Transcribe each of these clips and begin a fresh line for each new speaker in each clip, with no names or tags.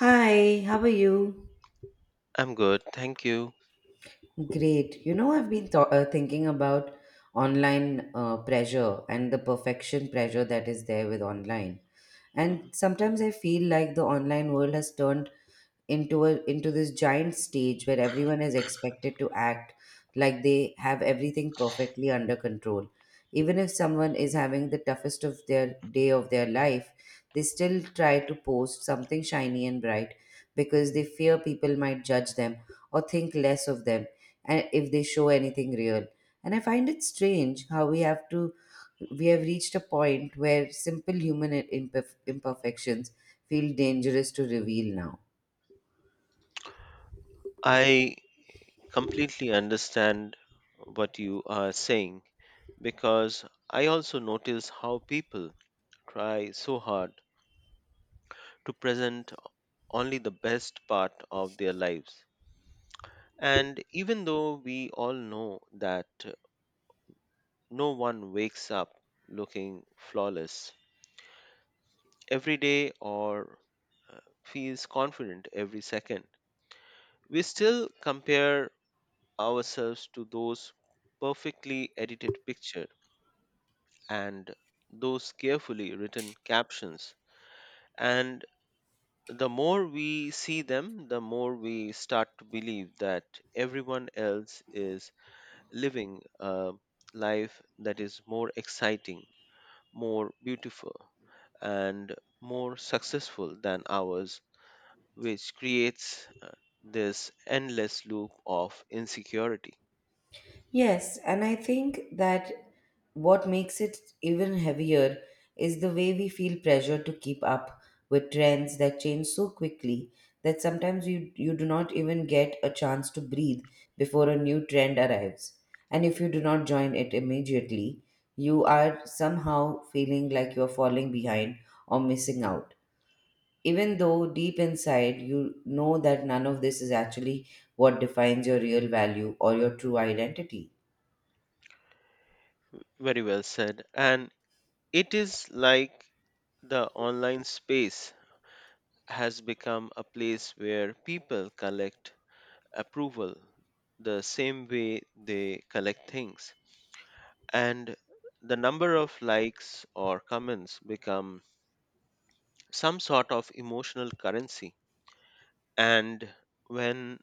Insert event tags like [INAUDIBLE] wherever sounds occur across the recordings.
Hi, how are you?
I'm good, thank you.
Great. You know, I've been thinking about online pressure and the perfection pressure that is there with online.
Mhm.
And sometimes I feel like the online world has turned into a into this giant stage where everyone is expected to act like they have everything perfectly under control, even if someone is having the toughest of their day of their life. They still try to post something shiny and bright because they fear people might judge them or think less of them and if they show anything real. And I find it strange how we have reached a point where simple human imperfections feel dangerous to reveal now.
I completely understand what you are saying because I also notice how people try so hard to present only the best part of their lives. And even though we all know that no one wakes up looking flawless every day or uh, feels confident every second, we still compare ourselves to those perfectly edited pictures and those carefully written captions. And the more we see them, the more we start to believe that everyone else is living a life that is more exciting, more beautiful, and more successful than ours, which creates this endless loop of insecurity.
Yes, and I think that what makes it even heavier is the way we feel pressure to keep up with trends that change so quickly that sometimes you do not even get a chance to breathe before a new trend arrives. And if you do not join it immediately, you are somehow feeling like you are falling behind or missing out. Even though deep inside you know that none of this is actually what defines your real value or your true identity.
Very well said. And it is like the online space has become a place where people collect approval the same way they collect things. And the number of likes or comments become some sort of emotional currency. And when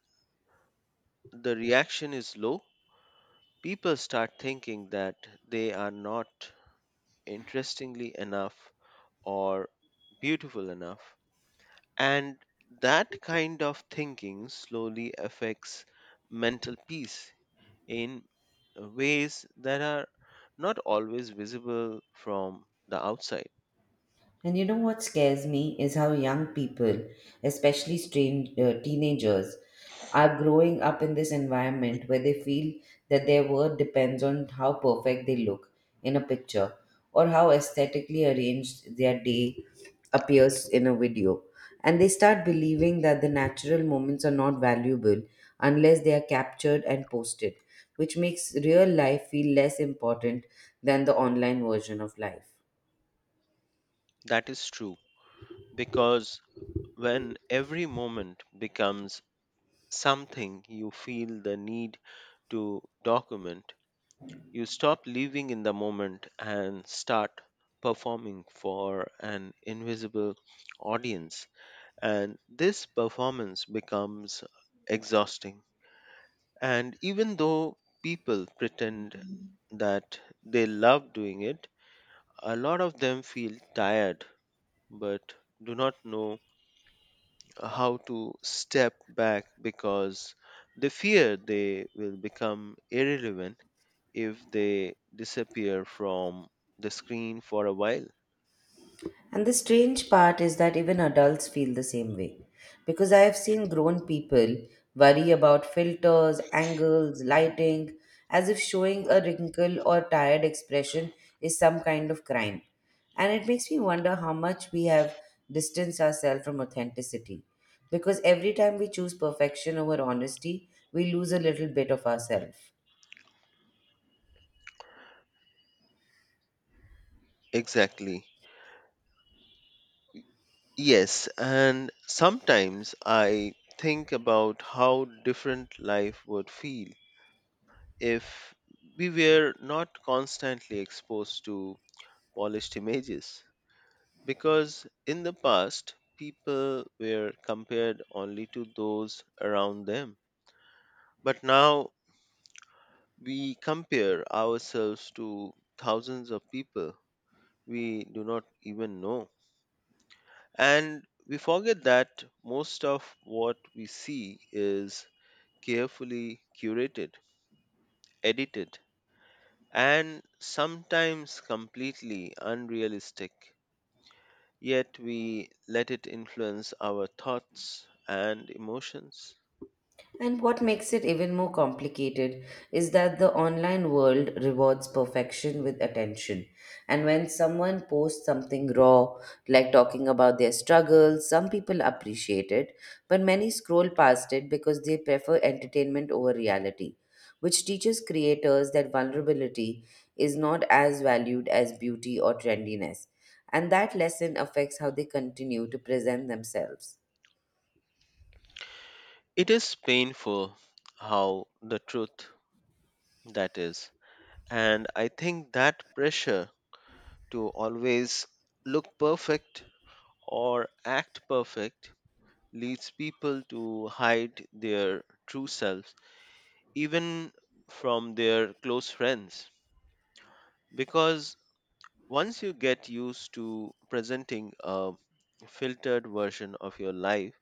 the reaction is low, people start thinking that they are not interestingly enough or beautiful enough. And that kind of thinking slowly affects mental peace in ways that are not always visible from the outside.
And you know what scares me is how young people, especially strange, teenagers, are growing up in this environment where they feel that their worth depends on how perfect they look in a picture or how aesthetically arranged their day appears in a video. And they start believing that the natural moments are not valuable unless they are captured and posted, which makes real life feel less important than the online version of life.
That is true because when every moment becomes something you feel the need to document, you stop living in the moment and start performing for an invisible audience, and this performance becomes exhausting. And even though people pretend that they love doing it, a lot of them feel tired but do not know how to step back because they fear they will become irrelevant if they disappear from the screen for a while.
And the strange part is that even adults feel the same way. Because I have seen grown people worry about filters, angles, lighting, as if showing a wrinkle or tired expression is some kind of crime. And it makes me wonder how much we have distanced ourselves from authenticity. Because every time we choose perfection over honesty, we lose a little bit of ourselves.
Exactly. Yes, and sometimes I think about how different life would feel if we were not constantly exposed to polished images. Because in the past, people were compared only to those around them. But now we compare ourselves to thousands of people we do not even know. And we forget that most of what we see is carefully curated, edited, and sometimes completely unrealistic. Yet we let it influence our thoughts and emotions.
And what makes it even more complicated is that the online world rewards perfection with attention. And when someone posts something raw, like talking about their struggles, some people appreciate it, but many scroll past it because they prefer entertainment over reality, which teaches creators that vulnerability is not as valued as beauty or trendiness. And that lesson affects how they continue to present themselves.
It is painful how the truth that is. And I think that pressure to always look perfect or act perfect leads people to hide their true selves, even from their close friends. Because once you get used to presenting a filtered version of your life,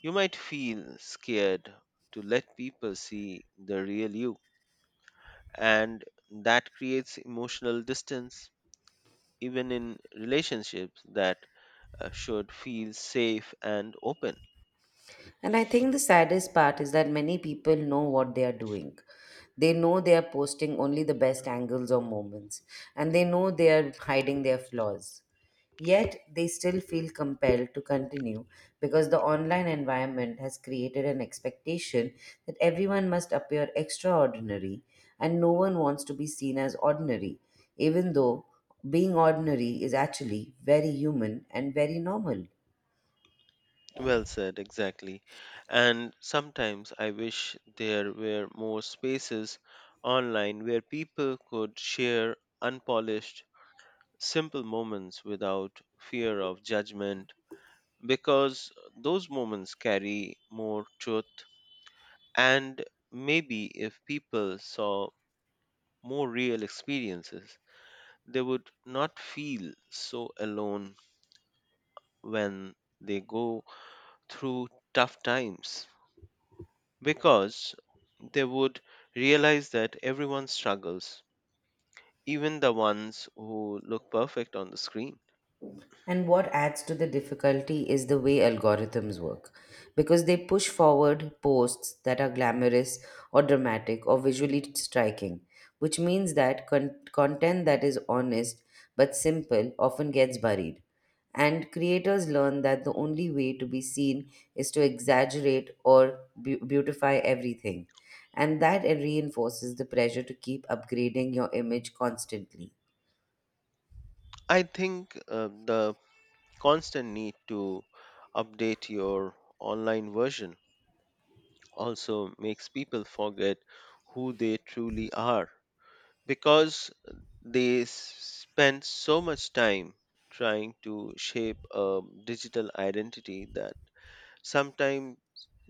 you might feel scared to let people see the real you. And that creates emotional distance, even in relationships that should feel safe and open.
And I think the saddest part is that many people know what they are doing. They know they are posting only the best angles or moments, and they know they are hiding their flaws. Yet they still feel compelled to continue because the online environment has created an expectation that everyone must appear extraordinary and no one wants to be seen as ordinary, even though being ordinary is actually very human and very normal.
Well said, exactly. And sometimes I wish there were more spaces online where people could share unpolished simple moments without fear of judgment because those moments carry more truth. And maybe if people saw more real experiences, they would not feel so alone when they go through tough times because they would realize that everyone struggles, even the ones who look perfect on the screen.
And what adds to the difficulty is the way algorithms work, because they push forward posts that are glamorous or dramatic or visually striking, which means that content that is honest but simple often gets buried. And creators learn that the only way to be seen is to exaggerate or beautify everything. And that reinforces the pressure to keep upgrading your image constantly.
I think the constant need to update your online version also makes people forget who they truly are because they spend so much time trying to shape a digital identity that sometimes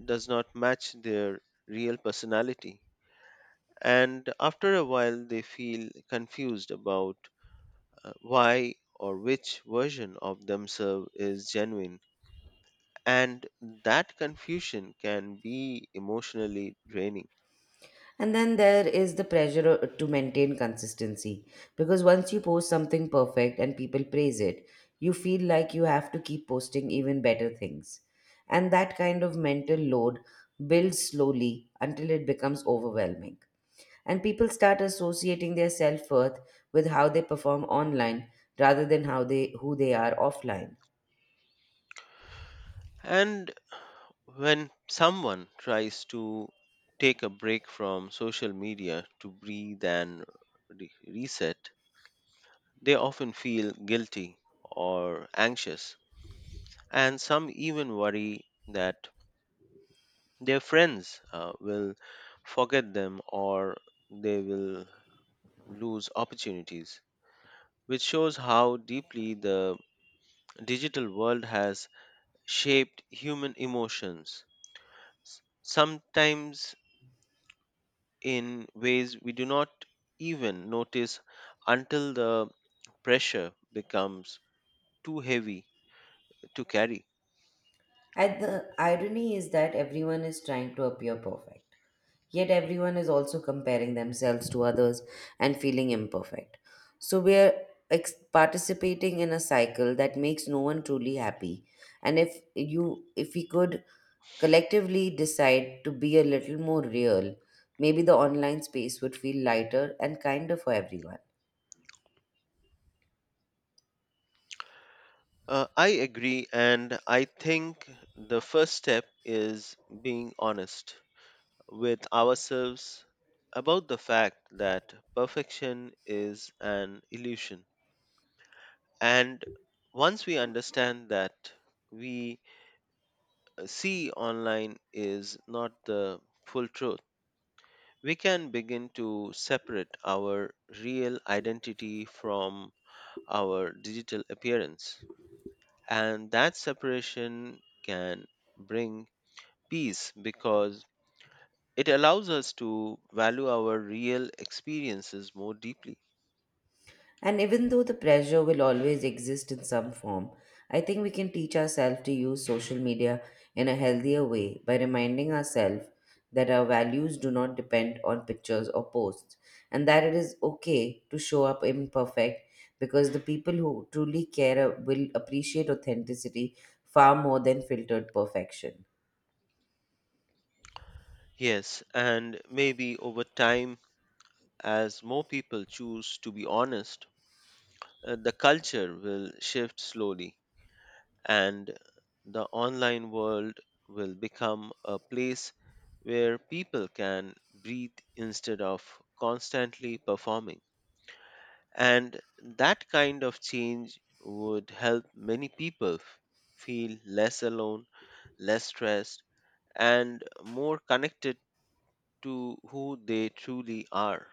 does not match their real personality. And after a while, they feel confused about why or which version of themselves is genuine. And that confusion can be emotionally draining.
And then there is the pressure to maintain consistency, because once you post something perfect and people praise it, you feel like you have to keep posting even better things. And that kind of mental load builds slowly until it becomes overwhelming. And people start associating their self worth with how they perform online rather than how who they are offline.
And when someone tries to take a break from social media to breathe and reset, they often feel guilty or anxious, and some even worry that their friends will forget them or they will lose opportunities, which shows how deeply the digital world has shaped human emotions, sometimes in ways we do not even notice until the pressure becomes too heavy to carry.
And the irony is that everyone is trying to appear perfect. Yet everyone is also comparing themselves to others and feeling imperfect. So we are participating in a cycle that makes no one truly happy. And if we could collectively decide to be a little more real, maybe the online space would feel lighter and kinder for everyone.
I agree, and I think the first step is being honest with ourselves about the fact that perfection is an illusion. And once we understand that we see online is not the full truth, we can begin to separate our real identity from our digital appearance. And that separation can bring peace because it allows us to value our real experiences more deeply.
And even though the pressure will always exist in some form, I think we can teach ourselves to use social media in a healthier way by reminding ourselves that our values do not depend on pictures or posts, and that it is okay to show up imperfect because the people who truly care will appreciate authenticity far more than filtered perfection.
Yes, and maybe over time, as more people choose to be honest, the culture will shift slowly and the online world will become a place where people can breathe instead of constantly performing. And that kind of change would help many people feel less alone, less stressed, and more connected to who they truly are.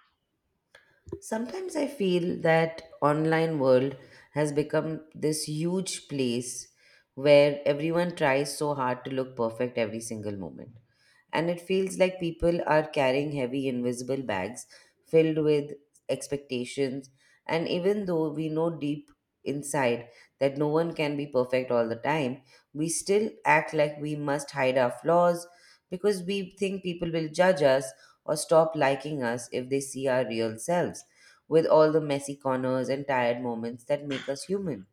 Sometimes I feel that online world has become this huge place where everyone tries so hard to look perfect every single moment, and it feels like people are carrying heavy invisible bags filled with expectations. And even though we know deep inside that no one can be perfect all the time, we still act like we must hide our flaws because we think people will judge us or stop liking us if they see our real selves with all the messy corners and tired moments that make us human.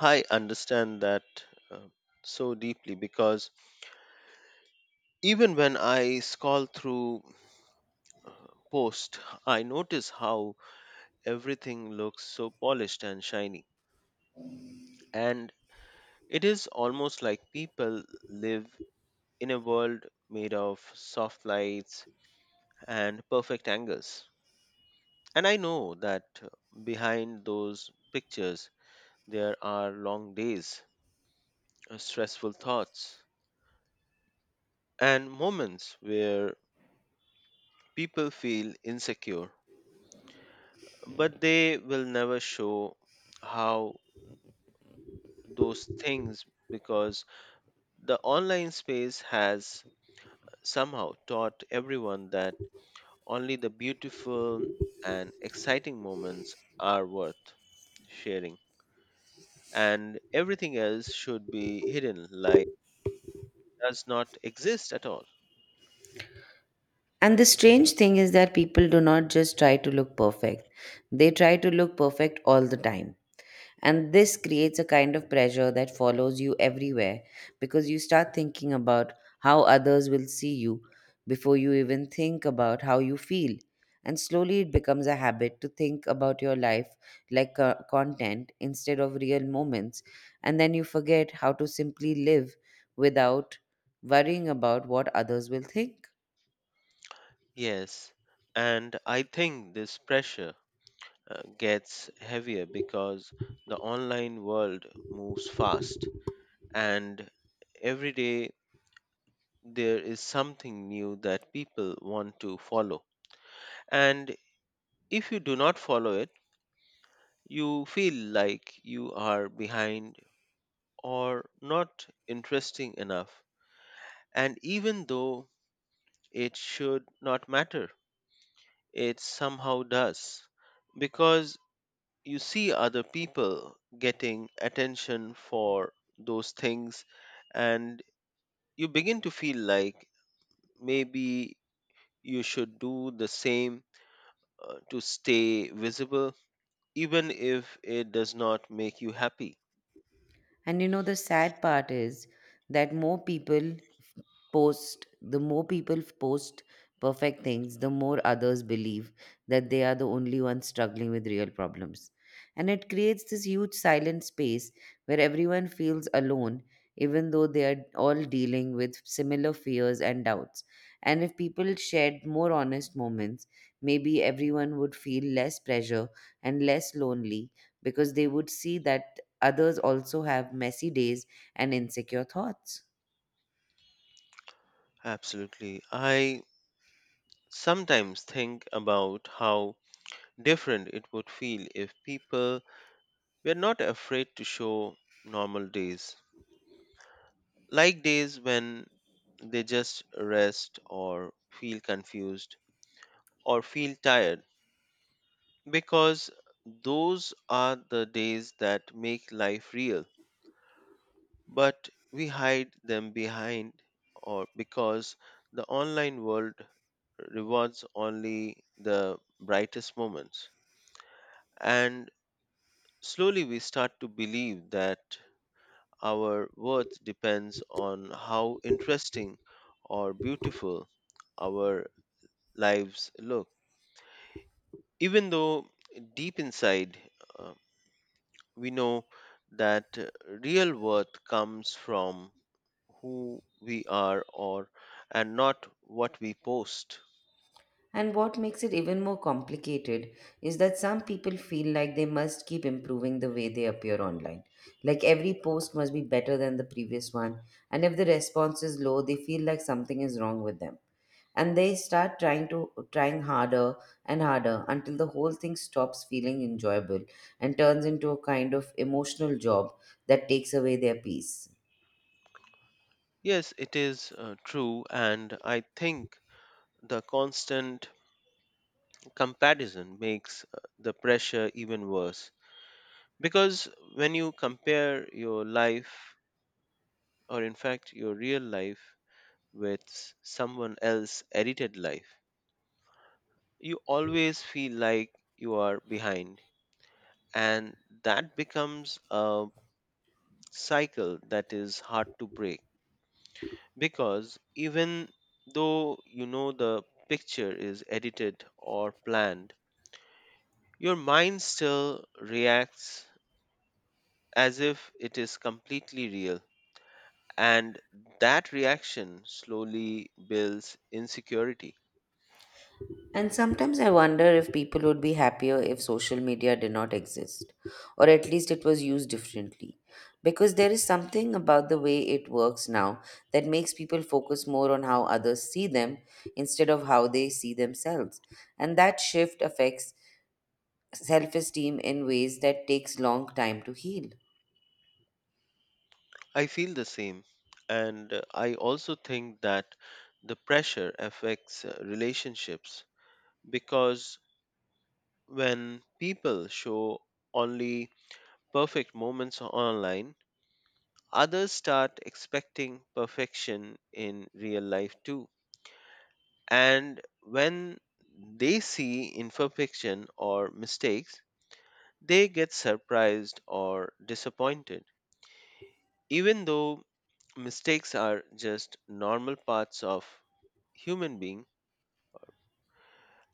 I understand that uh, so deeply because even when I scroll through posts, I notice how everything looks so polished and shiny. And it is almost like people live in a world made of soft lights and perfect angles. And I know that behind those pictures, there are long days, stressful thoughts, and moments where people feel insecure. But they will never show how those things because the online space has somehow taught everyone that only the beautiful and exciting moments are worth sharing, and everything else should be hidden like does not exist at all.
And the strange thing is that people do not just try to look perfect, they try to look perfect all the time. And this creates a kind of pressure that follows you everywhere because you start thinking about how others will see you before you even think about how you feel. And slowly it becomes a habit to think about your life like content instead of real moments. And then you forget how to simply live without worrying about what others will think.
Yes, and I think this pressure gets heavier because the online world moves fast, and every day there is something new that people want to follow. And if you do not follow it, you feel like you are behind or not interesting enough. And even though it should not matter, it somehow does because you see other people getting attention for those things and you begin to feel like maybe you should do the same, to stay visible even if it does not make you happy.
And you know, the sad part is that more people post the more people post perfect things, the more others believe that they are the only ones struggling with real problems. And it creates this huge silent space where everyone feels alone, even though they are all dealing with similar fears and doubts. And if people shared more honest moments, maybe everyone would feel less pressure and less lonely, because they would see that others also have messy days and insecure thoughts.
Absolutely. I sometimes think about how different it would feel if people were not afraid to show normal days, like days when they just rest or feel confused or feel tired, because those are the days that make life real. But we hide them behind or because the online world rewards only the brightest moments. And slowly we start to believe that our worth depends on how interesting or beautiful our lives look. Even though deep inside, uh, we know that real worth comes from who we are or and not what we post.
And what makes it even more complicated is that some people feel like they must keep improving the way they appear online. Like every post must be better than the previous one, and if the response is low, they feel like something is wrong with them. And they start trying harder and harder until the whole thing stops feeling enjoyable and turns into a kind of emotional job that takes away their peace.
Yes, it is true, and I think the constant comparison makes the pressure even worse because when you compare your life or in fact your real life with someone else's edited life, you always feel like you are behind, and that becomes a cycle that is hard to break because even though you know the picture is edited or planned, your mind still reacts as if it is completely real. And that reaction slowly builds insecurity.
And sometimes I wonder if people would be happier if social media did not exist, or at least it was used differently. Because there is something about the way it works now that makes people focus more on how others see them instead of how they see themselves. And that shift affects self esteem in ways that takes long time to heal.
I feel the same. And I also think that the pressure affects relationships because when people show only perfect moments online, others start expecting perfection in real life too. And when they see imperfection or mistakes, they get surprised or disappointed. Even though mistakes are just normal parts of human being,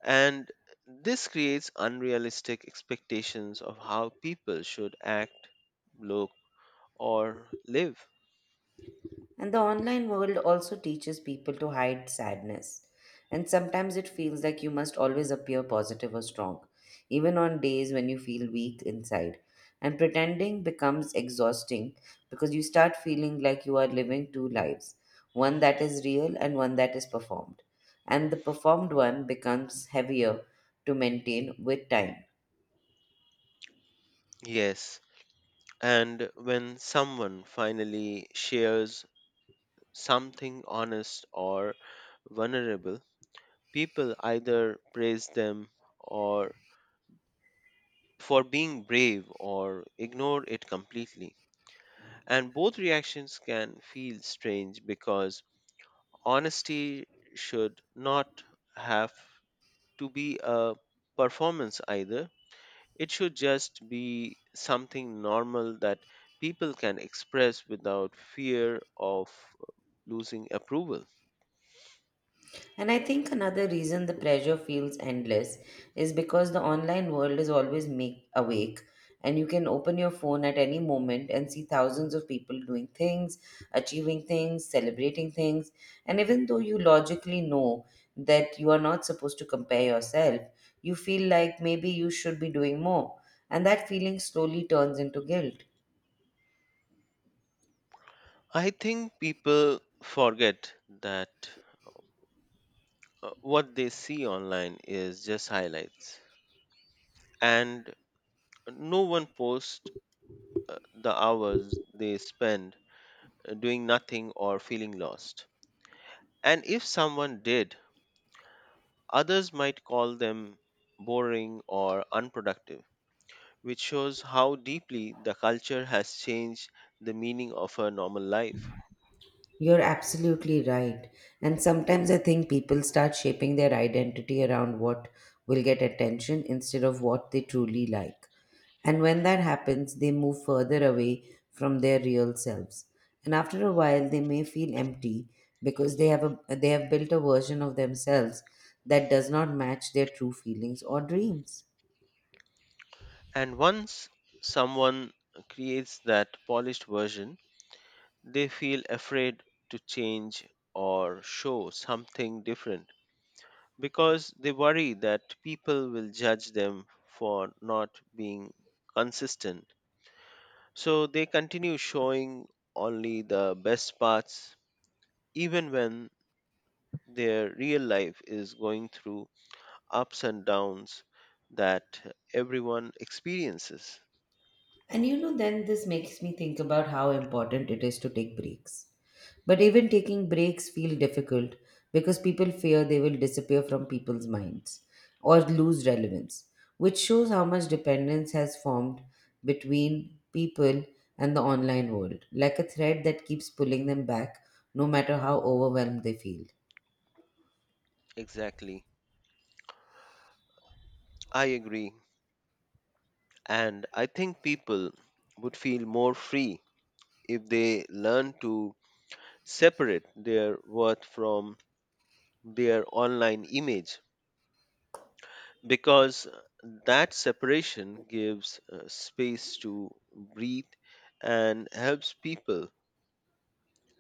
and this creates unrealistic expectations of how people should act, look, or live.
And the online world also teaches people to hide sadness. And sometimes it feels like you must always appear positive or strong, even on days when you feel weak inside. And pretending becomes exhausting because you start feeling like you are living two lives, one that is real and one that is performed. And the performed one becomes heavier to maintain with time.
Yes, and when someone finally shares something honest or vulnerable, people either praise them or for being brave or ignore it completely. And both reactions can feel strange because honesty should not have to be a performance either. It should just be something normal that people can express without fear of losing approval.
And I think another reason the pressure feels endless is because the online world is always make awake, and you can open your phone at any moment and see thousands of people doing things, achieving things, celebrating things. And even though you logically know that you are not supposed to compare yourself, you feel like maybe you should be doing more. And that feeling slowly turns into guilt.
I think people forget that what they see online is just highlights, and no one posts the hours they spend doing nothing or feeling lost. And if someone did, others might call them boring or unproductive, which shows how deeply the culture has changed the meaning of her normal life.
You're absolutely right. And sometimes I think people start shaping their identity around what will get attention instead of what they truly like. And when that happens, they move further away from their real selves. And after a while, they may feel empty because they have built a version of themselves that does not match their true feelings or dreams.
And once someone creates that polished version, they feel afraid to change or show something different because they worry that people will judge them for not being consistent. So they continue showing only the best parts even when their real life is going through ups and downs that everyone experiences.
And you know, then this makes me think about how important it is to take breaks. But even taking breaks feel difficult because people fear they will disappear from people's minds or lose relevance, which shows how much dependence has formed between people and the online world, like a thread that keeps pulling them back no matter how overwhelmed they feel.
Exactly. I agree. And I think people would feel more free if they learn to separate their worth from their online image because that separation gives space to breathe and helps people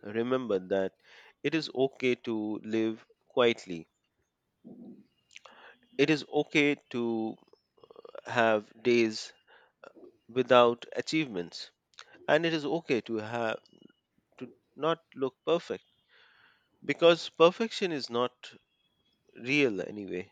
remember that it is okay to live quietly. It is okay to have days without achievements, and it is okay to have to not look perfect because perfection is not real anyway.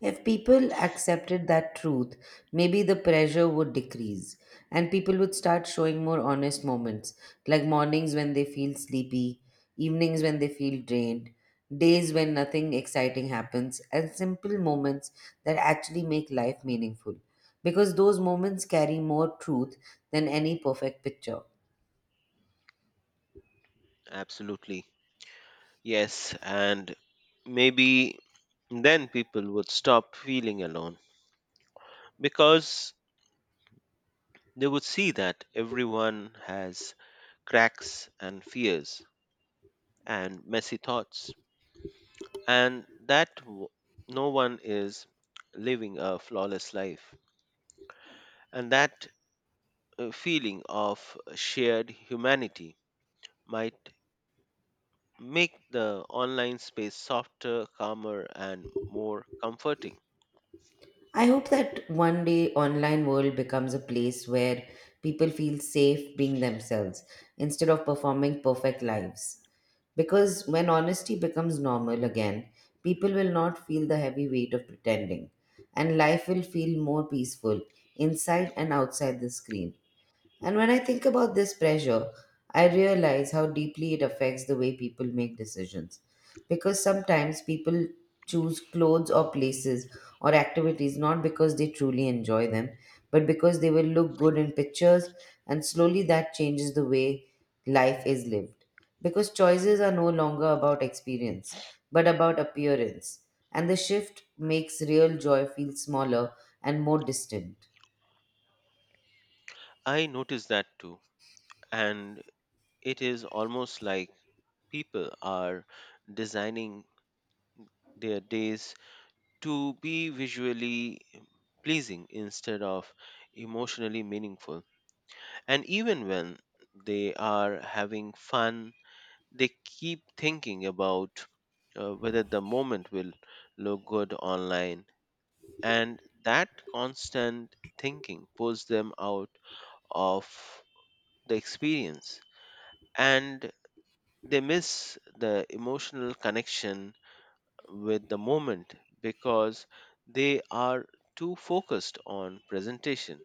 If people accepted that truth, maybe the pressure would decrease and people would start showing more honest moments, like mornings when they feel sleepy, evenings when they feel drained, days when nothing exciting happens, and simple moments that actually make life meaningful. Because those moments carry more truth than any perfect picture.
Absolutely. Yes, and maybe then people would stop feeling alone because they would see that everyone has cracks and fears and messy thoughts, and that no one is living a flawless life, and that feeling of shared humanity might make the online space softer, calmer, and more comforting.
I hope that one day online world becomes a place where people feel safe being themselves instead of performing perfect lives. Because when honesty becomes normal again, people will not feel the heavy weight of pretending, and life will feel more peaceful inside and outside the screen. And when I think about this pressure, I realize how deeply it affects the way people make decisions. Because sometimes people choose clothes or places or activities not because they truly enjoy them, but because they will look good in pictures, and slowly that changes the way life is lived. Because choices are no longer about experience, but about appearance. And the shift makes real joy feel smaller and more distant.
I noticed that too, and it is almost like people are designing their days to be visually pleasing instead of emotionally meaningful. And even when they are having fun, they keep thinking about whether the moment will look good online, and that constant thinking pulls them out of the experience, and they miss the emotional connection with the moment because they are too focused on presentation.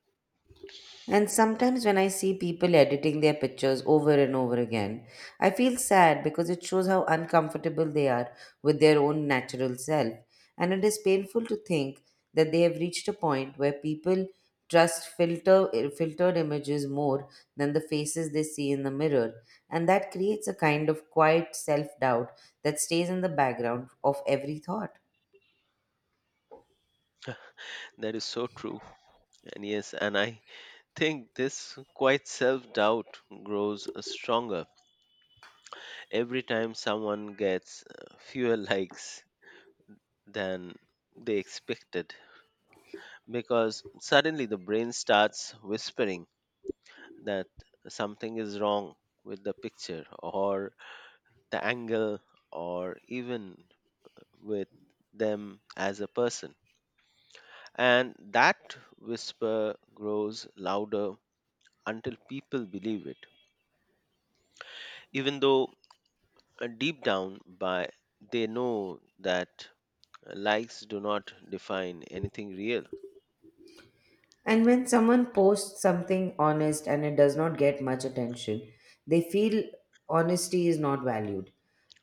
And sometimes when I see people editing their pictures over and over again, I feel sad because it shows how uncomfortable they are with their own natural self. And it is painful to think that they have reached a point where people trust filtered images more than the faces they see in the mirror. And that creates a kind of quiet self doubt that stays in the background of every thought.
That is so true. And yes, and I think this quite self doubt grows stronger every time someone gets fewer [LAUGHS] likes than they expected because suddenly the brain starts whispering that something is wrong with the picture or the angle or even with them as a person, and that whisper grows louder until people believe it even though deep down by they know that likes do not define anything real.
And when someone posts something honest and it does not get much attention, they feel honesty is not valued.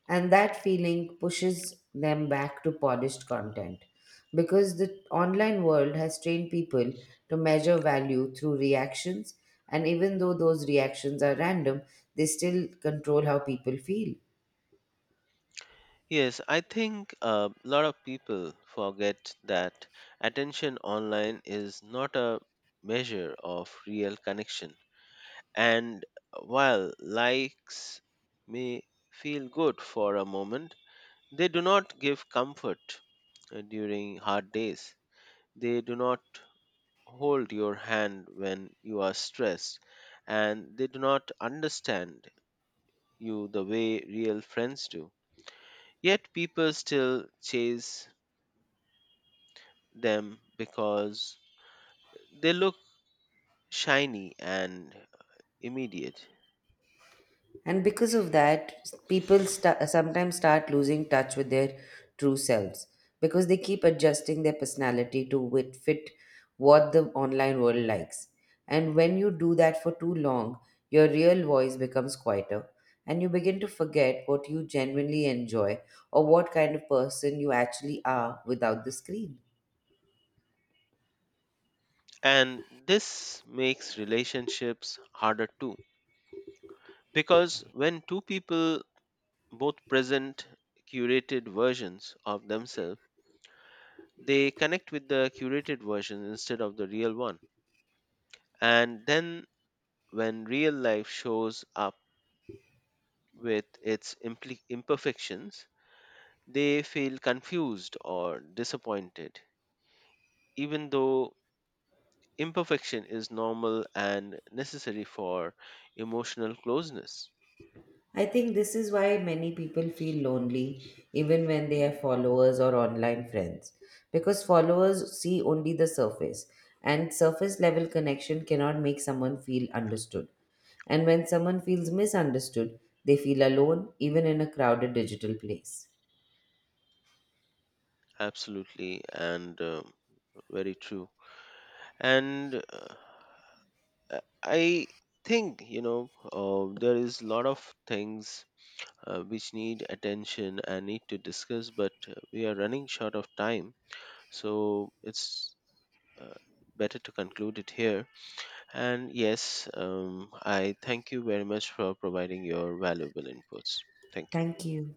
And that feeling pushes them back to polished content because the online world has trained people to measure value through reactions. And even though those reactions are random, they still control how people feel.
Yes, I think a lot of people forget that attention online is not a measure of real connection. And while likes may feel good for a moment, they do not give comfort during hard days. They do not hold your hand when you are stressed, and they do not understand you the way real friends do. Yet people still chase them because they look shiny and immediate.
And because of that, people sta sometimes start losing touch with their true selves because they keep adjusting their personality to fit what the online world likes. And when you do that for too long, your real voice becomes quieter and you begin to forget what you genuinely enjoy or what kind of person you actually are without the screen.
And this makes relationships harder too. Because when two people both present curated versions of themselves, they connect with the curated version instead of the real one. And then when real life shows up with its imperfections, they feel confused or disappointed, even though imperfection is normal and necessary for emotional closeness.
I think this is why many people feel lonely even when they have followers or online friends, because followers see only the surface and surface level connection cannot make someone feel understood. And when someone feels misunderstood, they feel alone even in a crowded digital place.
Absolutely, and very true. And I I think, you know, there is a lot of things which need attention and need to discuss, but we are running short of time. So it's uh, better to conclude it here. And yes, I thank you very much for providing your valuable inputs. Thank you.
Thank you.